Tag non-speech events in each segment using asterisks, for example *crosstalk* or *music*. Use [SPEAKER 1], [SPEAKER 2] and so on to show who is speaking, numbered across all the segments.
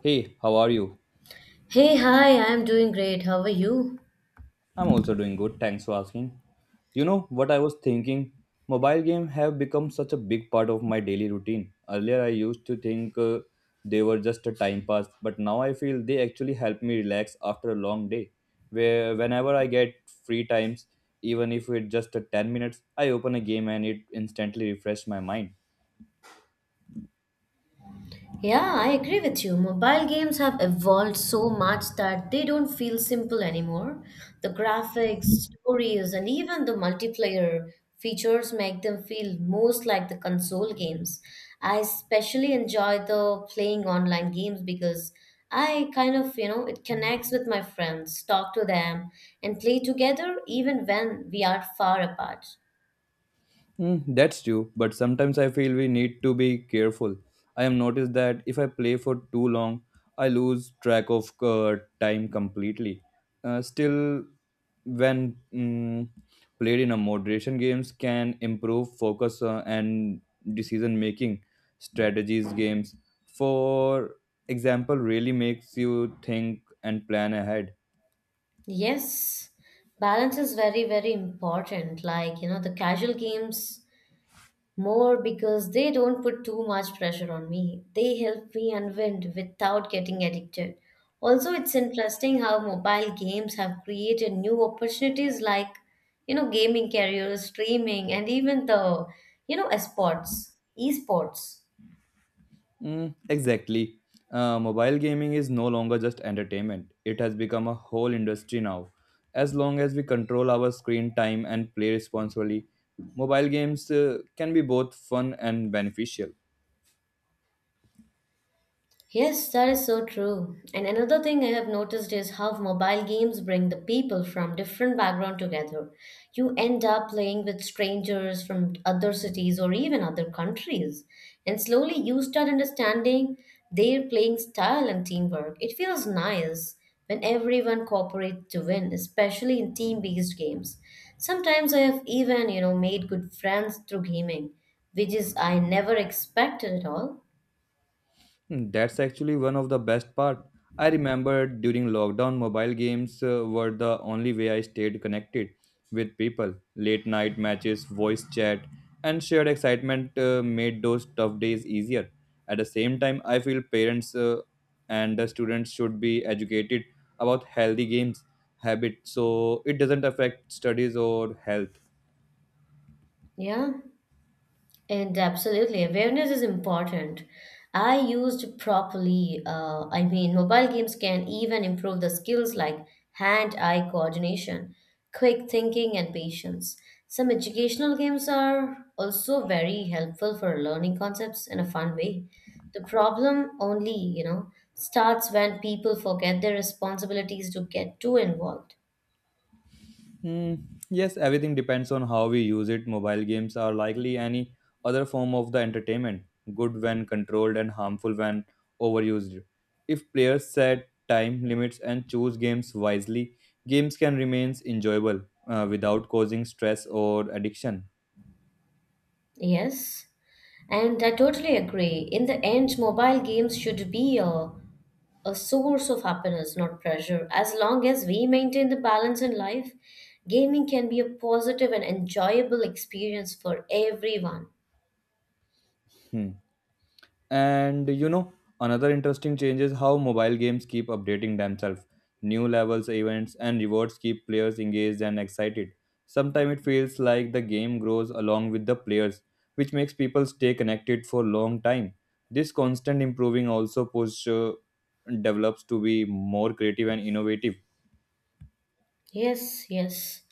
[SPEAKER 1] Hey, how are you?
[SPEAKER 2] Hey, hi, I'm doing great. How are you?
[SPEAKER 1] I'm also doing good, thanks for asking. You know what I was thinking? Mobile games have become such a big part of my daily routine. Earlier I used to think they were just a time pass, but now I feel they actually help me relax after a long day. Where whenever I get free times, even if it's just a 10 minutes, I open a game and it instantly refreshes my mind.
[SPEAKER 2] Yeah, I agree with you. Mobile games have evolved so much that they don't feel simple anymore. The graphics, stories, and even the multiplayer features make them feel most like the console games. I especially enjoy the playing online games because I kind of, it connects with my friends, talk to them, and play together even when we are far apart.
[SPEAKER 1] That's true, but sometimes I feel we need to be careful. I have noticed that if I play for too long, I lose track of time completely. Still, when played in a moderation, games can improve focus and decision making strategies. Games, for example, really makes you think and plan ahead.
[SPEAKER 2] Yes, balance is very, very important. Like, the casual games more because they don't put too much pressure on me. They help me unwind without getting addicted. Also, it's interesting how mobile games have created new opportunities like, gaming careers, streaming, and even the, you know, esports, esports.
[SPEAKER 1] Mm, exactly. Mobile gaming is no longer just entertainment, it has become a whole industry now. As long as we control our screen time and play responsibly, mobile games can be both fun and beneficial.
[SPEAKER 2] Yes, that is so true. And another thing I have noticed is how mobile games bring the people from different background together. You end up playing with strangers from other cities or even other countries, and slowly you start understanding their playing style and teamwork. It feels nice when everyone cooperates to win, especially in team-based games. Sometimes I have even, made good friends through gaming, which is I never expected at all.
[SPEAKER 1] Hmm. That's actually one of the best part. I remember during lockdown, mobile games were the only way I stayed connected with people. Late night matches, voice chat, and shared excitement made those tough days easier. At the same time, I feel parents and the students should be educated about healthy games habit so it doesn't affect studies or health.
[SPEAKER 2] Yeah. And absolutely, awareness is important. I used properly, I mean, mobile games can even improve the skills like hand eye coordination, quick thinking, and patience. Some educational games are also very helpful for learning concepts in a fun way. The problem only, starts when people forget their responsibilities to get too involved.
[SPEAKER 1] Hmm, yes, everything depends on how we use it. Mobile games are likely any other form of the entertainment, good when controlled and harmful when overused. If players set time limits and choose games wisely, games can remain enjoyable without causing stress or addiction.
[SPEAKER 2] Yes? And I totally agree. In the end, mobile games should be a source of happiness, not pressure. As long as we maintain the balance in life, gaming can be a positive and enjoyable experience for everyone.
[SPEAKER 1] Hmm. And you know, another interesting change is how mobile games keep updating themselves. New levels, events, and rewards keep players engaged and excited. Sometimes it feels like the game grows along with the players, which makes people stay connected for a long time. This constant improving also push develops to be more creative and innovative.
[SPEAKER 2] Yes, yes.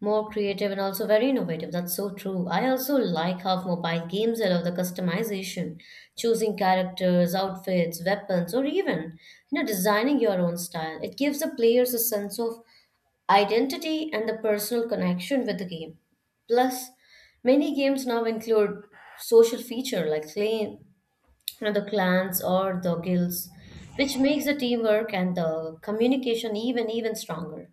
[SPEAKER 2] More creative and also very innovative. That's so true. I also like how mobile games allow the customization, choosing characters, outfits, weapons, or even, designing your own style. It gives the players a sense of identity and the personal connection with the game. Plus, many games now include social feature like clan, the clans or the guilds, which makes the teamwork and the communication even stronger.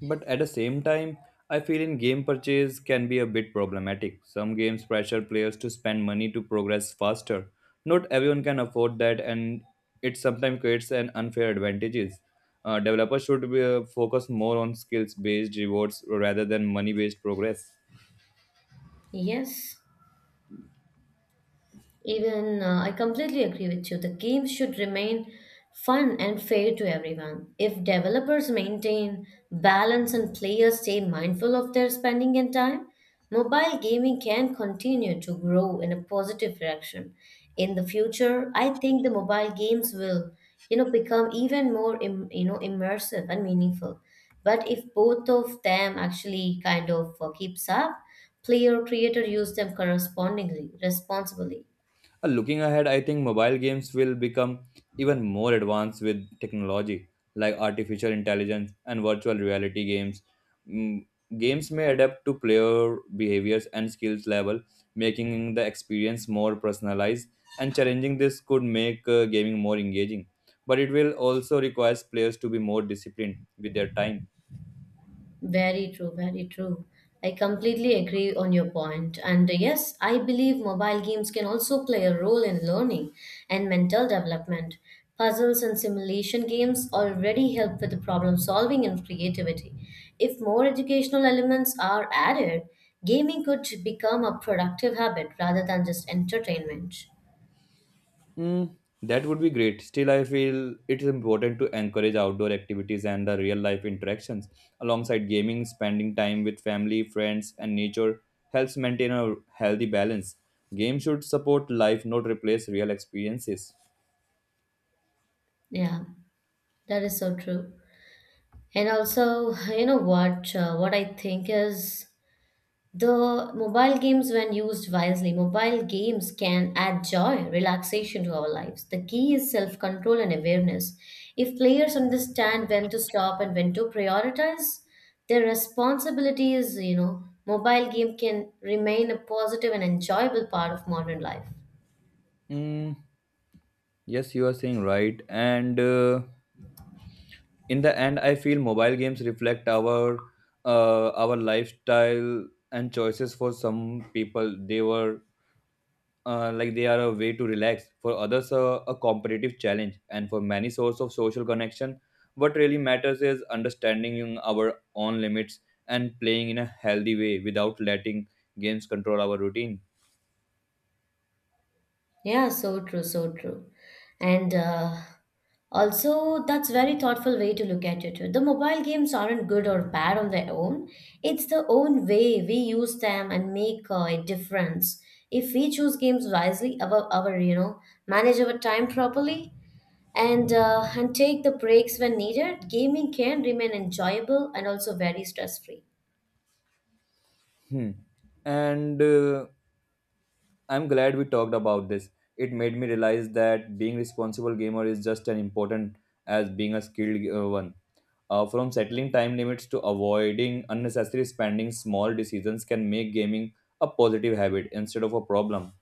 [SPEAKER 1] But at the same time, I feel in game purchase can be a bit problematic. Some games pressure players to spend money to progress faster. Not everyone can afford that, and it sometimes creates an unfair advantages. Developers should be, focus more on skills based rewards rather than money based progress.
[SPEAKER 2] Yes. Even I completely agree with you. The games should remain fun and fair to everyone. If developers maintain balance and players stay mindful of their spending and time, mobile gaming can continue to grow in a positive direction. In the future, I think the mobile games will, become even more, immersive and meaningful. But if both of them actually kind of keeps up, player creator use them correspondingly, responsibly.
[SPEAKER 1] Looking ahead, I think mobile games will become even more advanced with technology like artificial intelligence and virtual reality games. Mm, games may adapt to player behaviors and skills level, making the experience more personalized and challenging. This could make gaming more engaging, but it will also require players to be more disciplined with their time.
[SPEAKER 2] Very true, very true. I completely agree on your point. And yes, I believe mobile games can also play a role in learning and mental development. Puzzles and simulation games already help with the problem solving and creativity. If more educational elements are added, gaming could become a productive habit rather than just entertainment.
[SPEAKER 1] Mm, that would be great. Still, I feel it is important to encourage outdoor activities and the real life interactions. Alongside gaming, spending time with family, friends, and nature helps maintain a healthy balance. Games should support life, not replace real experiences.
[SPEAKER 2] Yeah, that is so true. And also, you know what? What I think is, the mobile games, when used wisely, mobile games can add joy, relaxation to our lives. The key is self control and awareness. If players understand when to stop and when to prioritize their responsibilities, mobile game can remain a positive and enjoyable part of modern life.
[SPEAKER 1] Mm, yes, you are saying right. And in the end, I feel mobile games reflect our lifestyle and choices. For some people, they were like they are a way to relax, for others a competitive challenge, and for many source of social connection. What really matters is understanding our own limits and playing in a healthy way without letting games control our routine.
[SPEAKER 2] Yeah, so true, so true. And also, that's very thoughtful way to look at it. The mobile games aren't good or bad on their own. It's the own way we use them and make a difference. If we choose games wisely, our manage our time properly, and take the breaks when needed, gaming can remain enjoyable and also very stress free.
[SPEAKER 1] Hmm. And I'm glad we talked about this. It made me realize that being responsible gamer is just as important as being a skilled one. From settling time limits to avoiding unnecessary spending, small decisions can make gaming a positive habit instead of a problem.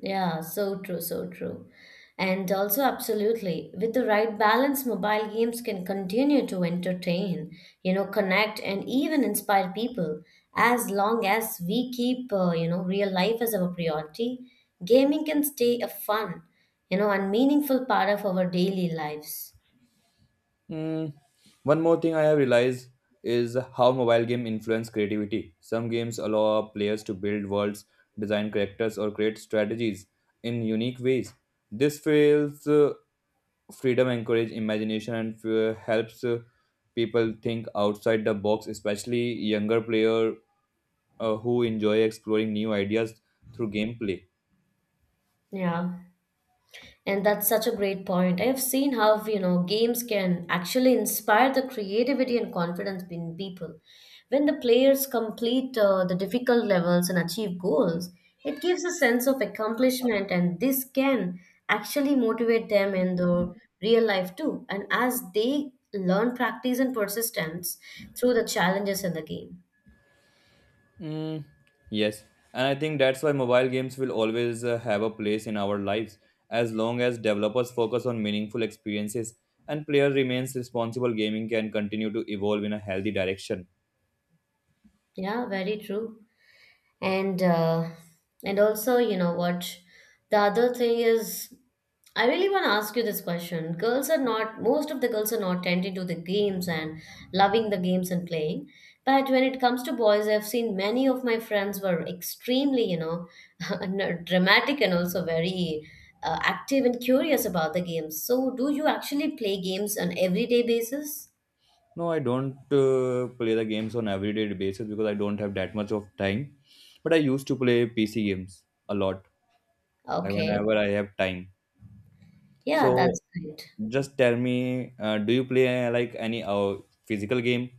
[SPEAKER 2] Yeah, so true, so true. And also, absolutely, with the right balance, mobile games can continue to entertain, connect and even inspire people. As long as we keep, real life as our priority, gaming can stay a fun, and meaningful part of our daily lives.
[SPEAKER 1] Mm, one more thing I have realized is how mobile game influence creativity. Some games allow players to build worlds, design characters, or create strategies in unique ways. This feels freedom encourages imagination and helps people think outside the box, especially younger player who enjoy exploring new ideas through gameplay.
[SPEAKER 2] Yeah. And that's such a great point. I've seen how, games can actually inspire the creativity and confidence in people. When the players complete the difficult levels and achieve goals, it gives a sense of accomplishment, and this can actually motivate them in the real life too. And as they learn practice and persistence through the challenges in the game.
[SPEAKER 1] Mm, yes. And I think that's why mobile games will always have a place in our lives. As long as developers focus on meaningful experiences and player remains responsible, gaming can continue to evolve in a healthy direction.
[SPEAKER 2] Yeah, very true. and uh, and also, you know what, the other thing is, I really want to ask you this question. Girls are not, most of the girls are not tending to the games and loving the games and playing. But when it comes to boys, I've seen many of my friends were extremely, *laughs* dramatic and also very active and curious about the games. So do you actually play games on everyday basis?
[SPEAKER 1] No, I don't play the games on everyday basis because I don't have that much of time. But I used to play PC games a lot, like
[SPEAKER 2] Okay.
[SPEAKER 1] whenever I have time.
[SPEAKER 2] Yeah,
[SPEAKER 1] So
[SPEAKER 2] that's great.
[SPEAKER 1] just tell me, do you play like any physical game,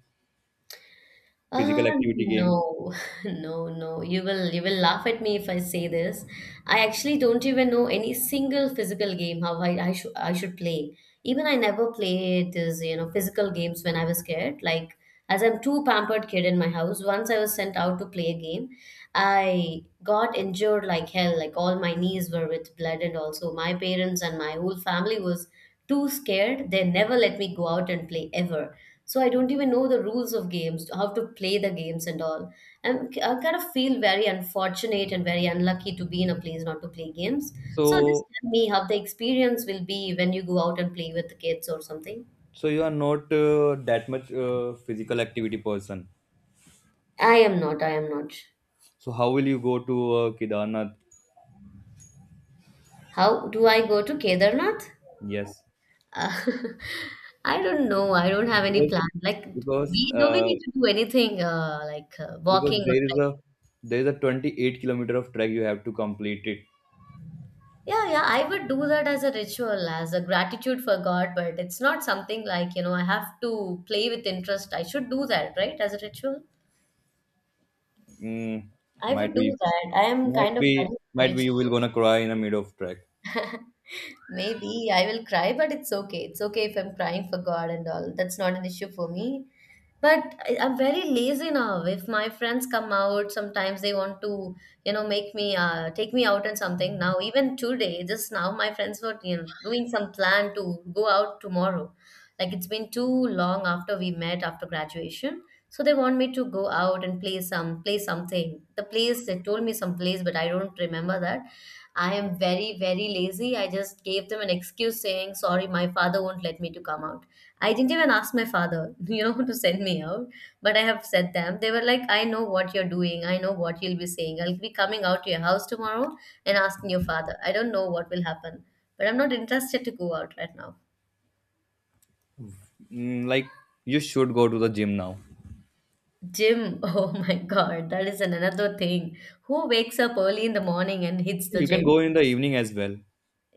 [SPEAKER 1] physical activity game?
[SPEAKER 2] No, *laughs* no, no. You will laugh at me if I say this. I actually don't even know any single physical game how I should play. Even I never played this, physical games when I was kid. Like as I'm too pampered kid in my house, once I was sent out to play a game, I got injured like hell. Like all my knees were with blood and also my parents and my whole family was too scared. They never let me go out and play ever. So I don't even know the rules of games, how to play the games and all. And I kind of feel very unfortunate and very unlucky to be in a place not to play games. So just
[SPEAKER 1] So
[SPEAKER 2] tell me how the experience will be when you go out and play with the kids or something.
[SPEAKER 1] you are not that much physical activity person.
[SPEAKER 2] I am not, I am not.
[SPEAKER 1] So how will you go to Kedarnath?
[SPEAKER 2] How do I go to Kedarnath?
[SPEAKER 1] Yes,
[SPEAKER 2] uh, *laughs* I don't know, I don't have any
[SPEAKER 1] because
[SPEAKER 2] plan like,
[SPEAKER 1] because
[SPEAKER 2] we do we
[SPEAKER 1] uh,
[SPEAKER 2] need to do anything like
[SPEAKER 1] because
[SPEAKER 2] walking or.
[SPEAKER 1] there is a 28 kilometer of track, you have to complete it.
[SPEAKER 2] Yeah, yeah, I would do that as a ritual, as a gratitude for God, but it's not something like, I have to play with interest. I should do that, right? As a ritual.
[SPEAKER 1] Mm,
[SPEAKER 2] I would
[SPEAKER 1] might
[SPEAKER 2] do
[SPEAKER 1] be,
[SPEAKER 2] that. I am kind of value for
[SPEAKER 1] might be. You will
[SPEAKER 2] ritual.
[SPEAKER 1] gonna cry in the middle of track.
[SPEAKER 2] *laughs* Maybe I will cry, but it's okay. It's okay if I'm crying for God and all. That's not an issue for me. But I'm very lazy now. If my friends come out, sometimes they want to, make me, take me out and something. Now, even today, just now, my friends were, doing some plan to go out tomorrow. Like it's been too long after we met after graduation. So they want me to go out and play some, play something. The place, they told me some place, but I don't remember that. I am very, very lazy. I just gave them an excuse saying, sorry, my father won't let me to come out. I didn't even ask my father, *laughs* to send me out. But I have said them. They were like, I know what you're doing. I know what you'll be saying. I'll be coming out to your house tomorrow and asking your father. I don't know what will happen. But I'm not interested to go out right now.
[SPEAKER 1] Like you should go to the gym now.
[SPEAKER 2] Gym. *laughs* Oh my God. That is another thing. Who wakes up early in the morning and hits the
[SPEAKER 1] You can
[SPEAKER 2] gym?
[SPEAKER 1] go in the evening as well.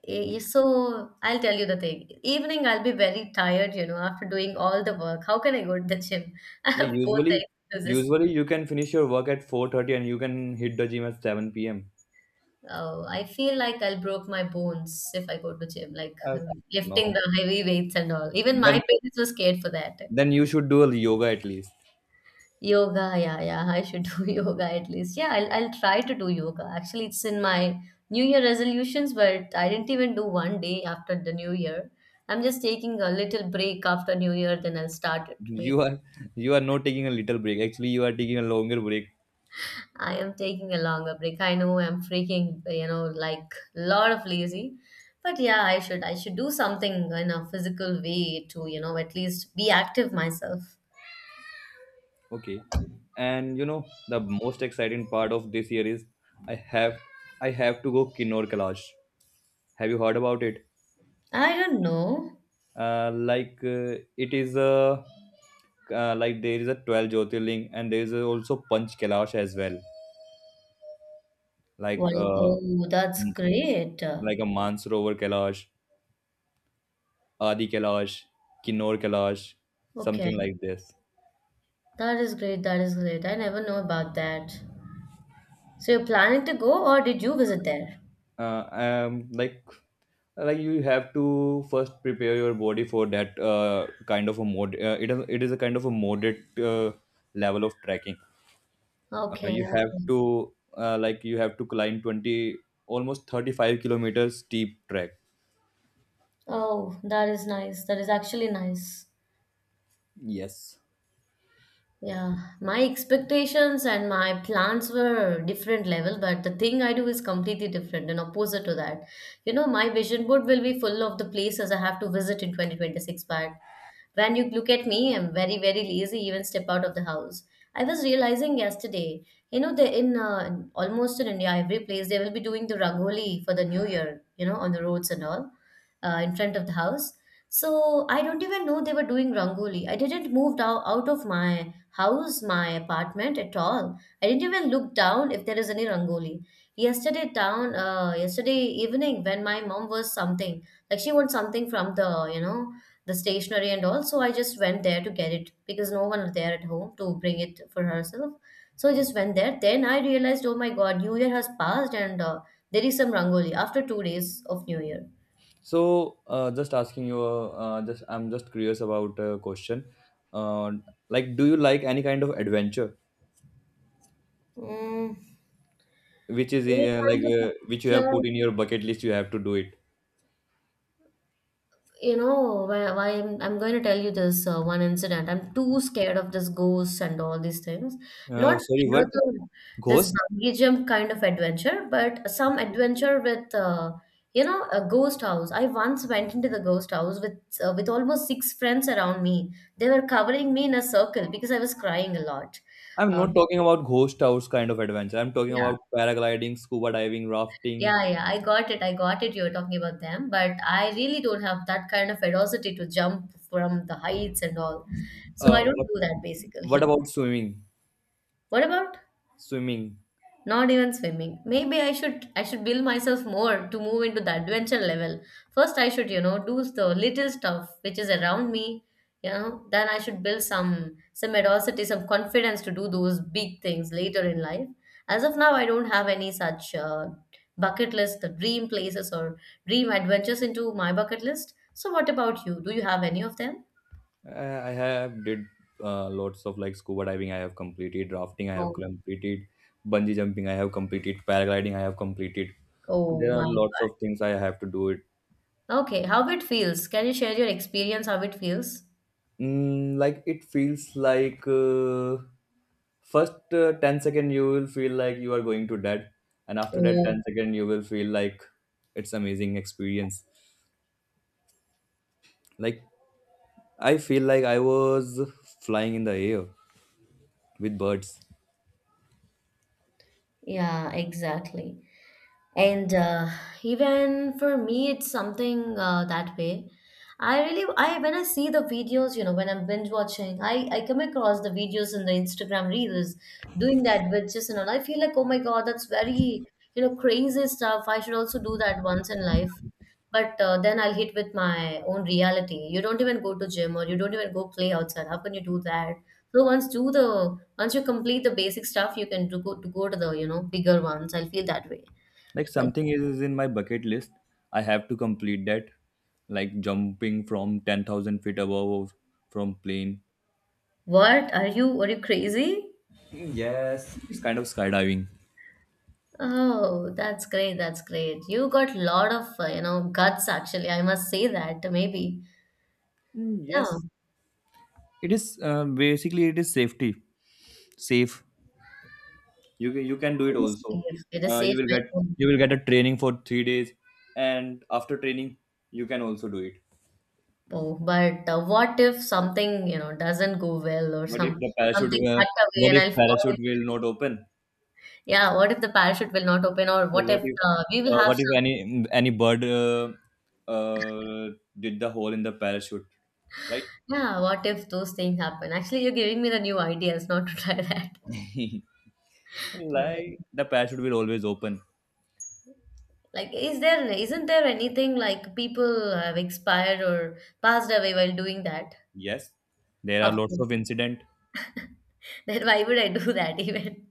[SPEAKER 2] Eh, so I'll tell you the thing. Evening, I'll be very tired, after doing all the work. How can I go to the gym? *laughs* I
[SPEAKER 1] Like
[SPEAKER 2] have both the
[SPEAKER 1] usually,
[SPEAKER 2] excuses.
[SPEAKER 1] usually you can finish your work at 4:30 and you can hit the gym at seven p.m.
[SPEAKER 2] Oh, I feel like I'll broke my bones if I go to gym, like *laughs*
[SPEAKER 1] Uh, no,
[SPEAKER 2] lifting the heavy weights and all. Even my
[SPEAKER 1] then
[SPEAKER 2] parents were scared for that.
[SPEAKER 1] you should do a yoga at least.
[SPEAKER 2] Yoga, yeah, yeah, I should *laughs* do yoga at least. Yeah, I'll try to do yoga. Actually, it's in my New Year resolutions, but I didn't even do one day after the New Year. I'm just taking a little break after New Year, then I'll start it
[SPEAKER 1] You
[SPEAKER 2] maybe.
[SPEAKER 1] are not taking a little break. Actually, you are taking a longer break.
[SPEAKER 2] I am taking a longer break. I know I'm freaking, like lot of lazy. But yeah, I should do something in a physical way to, at least be active myself.
[SPEAKER 1] Okay, and you know the most exciting part of this year is I have I have to go Kinnor Kailash. Have you heard about it?
[SPEAKER 2] I don't know.
[SPEAKER 1] It is a like there is a 12 Jyotirling and there is also Panch Kailash as well. Like
[SPEAKER 2] Well,
[SPEAKER 1] uh,
[SPEAKER 2] oh, that's
[SPEAKER 1] m-
[SPEAKER 2] great.
[SPEAKER 1] like a Mansarovar Kailash, Adi Kailash, Kinnor Kailash,
[SPEAKER 2] Okay.
[SPEAKER 1] something like this.
[SPEAKER 2] That is great. That is great. I never know about that. So you're planning to go or did you visit there?
[SPEAKER 1] Uh, um, like like you have to first prepare your body for that kind of a mod. It is a kind of a moderate level of trekking.
[SPEAKER 2] Okay,
[SPEAKER 1] You have
[SPEAKER 2] okay.
[SPEAKER 1] to like you have to climb 20 almost 35 kilometers steep track.
[SPEAKER 2] Oh, that is nice. That is actually nice.
[SPEAKER 1] Yes,
[SPEAKER 2] Yeah, my expectations and my plans were different level, but the thing I do is completely different and opposite to that. You know, my vision board will be full of the places I have to visit in 2026, but when you look at me, I'm very, very lazy, even step out of the house. I was realizing yesterday, you know, they in almost in India, every place they will be doing the rangoli for the new year, you know, on the roads and all in front of the house. So I don't even know they were doing rangoli. I didn't move down out of my house, my apartment at all. I didn't even look down if there is any rangoli. Yesterday evening when my mom was something like she wants something from the, you know, the stationery and all, so I just went there to get it because no one was there at home to bring it for herself. So I just went there. Then I realized, oh my God, New Year has passed and there is some rangoli after 2 days of New Year.
[SPEAKER 1] so just asking you, just I'm just curious about a question. uh, like, do you like any kind of adventure
[SPEAKER 2] Mm,
[SPEAKER 1] which is
[SPEAKER 2] any kind of
[SPEAKER 1] which you have
[SPEAKER 2] adventure,
[SPEAKER 1] put in your bucket list you have to do it?
[SPEAKER 2] you know, why I'm going to tell you this one incident. I'm too scared of this ghosts and all these things. Not
[SPEAKER 1] Sorry, what?
[SPEAKER 2] another this
[SPEAKER 1] Ghost.
[SPEAKER 2] bungee jump kind of adventure, but some adventure with you know a ghost house. I once went into the ghost house with almost six friends around me. They were covering me in a circle because I was crying a lot.
[SPEAKER 1] I'm not
[SPEAKER 2] Um,
[SPEAKER 1] talking about ghost house kind of adventure, I'm talking
[SPEAKER 2] yeah,
[SPEAKER 1] about paragliding, scuba diving, rafting.
[SPEAKER 2] Yeah, yeah, I got it. I got it. You're talking about them, but I really don't have that kind of ferocity to jump from the heights and all. So I
[SPEAKER 1] uh,
[SPEAKER 2] don't
[SPEAKER 1] what,
[SPEAKER 2] do that
[SPEAKER 1] what
[SPEAKER 2] basically.
[SPEAKER 1] about swimming,
[SPEAKER 2] *laughs* What about
[SPEAKER 1] swimming?
[SPEAKER 2] not even swimming. Maybe I should build myself more to move into the adventure level. First I should, you know, do the little stuff which is around me, you know, then I should build some audacity, some confidence to do those big things later in life. As of now, I don't have any such bucket list, dream places or dream adventures into my bucket list. So what about you? Do you have any of them?
[SPEAKER 1] I have did lots of like scuba diving. I have completed rafting. I have
[SPEAKER 2] So,
[SPEAKER 1] completed bungee jumping. I have completed paragliding. I have completed. And
[SPEAKER 2] oh
[SPEAKER 1] there are
[SPEAKER 2] my
[SPEAKER 1] lots of things I have to do it.
[SPEAKER 2] God. Okay, how it feels? Can you share your experience how it feels?
[SPEAKER 1] Like it feels like first 10 second you will feel like you are going to dead, and after that
[SPEAKER 2] Oh.
[SPEAKER 1] 10 second you will feel like it's amazing experience. Like I feel like I was flying in the air with birds.
[SPEAKER 2] Yeah, exactly and even for me it's something that way. I when I see the videos, you know, when I'm binge watching, I come across the videos in the Instagram reels doing that with just, you know, I feel like oh my God, that's very, you know, crazy stuff. I should also do that once in life but Then I'll hit with my own reality. You don't even go to gym or you don't even go play outside, how can you do that? So once do the once you complete the basic stuff you can do, go to the, you know, bigger ones, I feel that way.
[SPEAKER 1] Like something is in my bucket list. I have to complete that. Like jumping from 10,000 feet above from plane.
[SPEAKER 2] What? Are you crazy?
[SPEAKER 1] Yes. It's kind of skydiving.
[SPEAKER 2] Oh, that's great. That's great. You got lot of you know guts actually. I must say that maybe.
[SPEAKER 1] Mm,
[SPEAKER 2] Yeah,
[SPEAKER 1] yes. It is basically it is safety, safe. You can do it
[SPEAKER 2] it is safe.
[SPEAKER 1] also.
[SPEAKER 2] It is
[SPEAKER 1] You
[SPEAKER 2] safe.
[SPEAKER 1] will
[SPEAKER 2] By
[SPEAKER 1] get
[SPEAKER 2] phone.
[SPEAKER 1] a training for 3 days, and after training you can also do it.
[SPEAKER 2] Oh, but what if something, you know, doesn't go well or
[SPEAKER 1] But if
[SPEAKER 2] some
[SPEAKER 1] the parachute,
[SPEAKER 2] something cut away
[SPEAKER 1] what
[SPEAKER 2] and
[SPEAKER 1] if
[SPEAKER 2] I'll fall?
[SPEAKER 1] parachute will not open?
[SPEAKER 2] Yeah, what if the parachute will not open or
[SPEAKER 1] Well,
[SPEAKER 2] what if uh, we will have
[SPEAKER 1] what if
[SPEAKER 2] some?
[SPEAKER 1] any bird uh, did the hole in the parachute, right?
[SPEAKER 2] Yeah, what if those things happen? Actually, you're giving me the new ideas not to try that.
[SPEAKER 1] *laughs*
[SPEAKER 2] *laughs* Well.
[SPEAKER 1] Like the parachute will always open.
[SPEAKER 2] Like, is there isn't there anything like people have expired or passed away while doing that?
[SPEAKER 1] Yes, there are
[SPEAKER 2] Of
[SPEAKER 1] lots
[SPEAKER 2] course.
[SPEAKER 1] of incident.
[SPEAKER 2] *laughs* Then why would I do that even?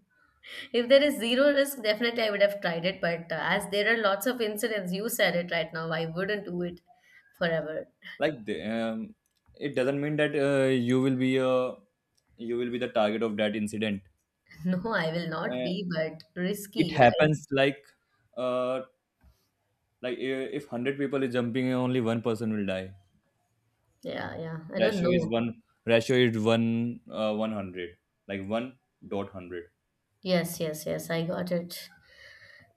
[SPEAKER 2] If there is zero risk, definitely I would have tried it. But as there are lots of incidents, you said it right now, I wouldn't do it forever.
[SPEAKER 1] Like the, it doesn't mean that you will be the target of that incident.
[SPEAKER 2] *laughs* No, I will not
[SPEAKER 1] Uh,
[SPEAKER 2] be, but
[SPEAKER 1] it
[SPEAKER 2] risky, right?
[SPEAKER 1] happens like uh, like i- if 100 people is jumping, only one person will die.
[SPEAKER 2] Yeah, yeah. I don't
[SPEAKER 1] Ratio is
[SPEAKER 2] know.
[SPEAKER 1] one. Ratio is one 100. Like one dot hundred.
[SPEAKER 2] Yes, yes, yes. I got it.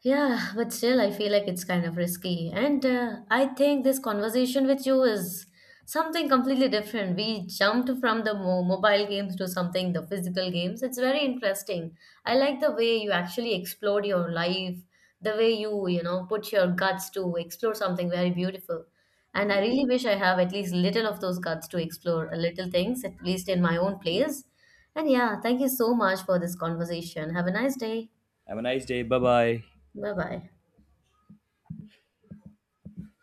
[SPEAKER 2] Yeah, but still, I feel like it's kind of risky. And I think this conversation with you is something completely different. We jumped from the mobile games to something, the physical games. It's very interesting. I like the way you actually explored your life, the way you, you know, put your guts to explore something very beautiful. And I really wish I have at least little of those guts to explore a little things, at least in my own place. And yeah, thank you so much for this conversation. Have a nice day.
[SPEAKER 1] Have a nice day. Bye bye.
[SPEAKER 2] Bye bye.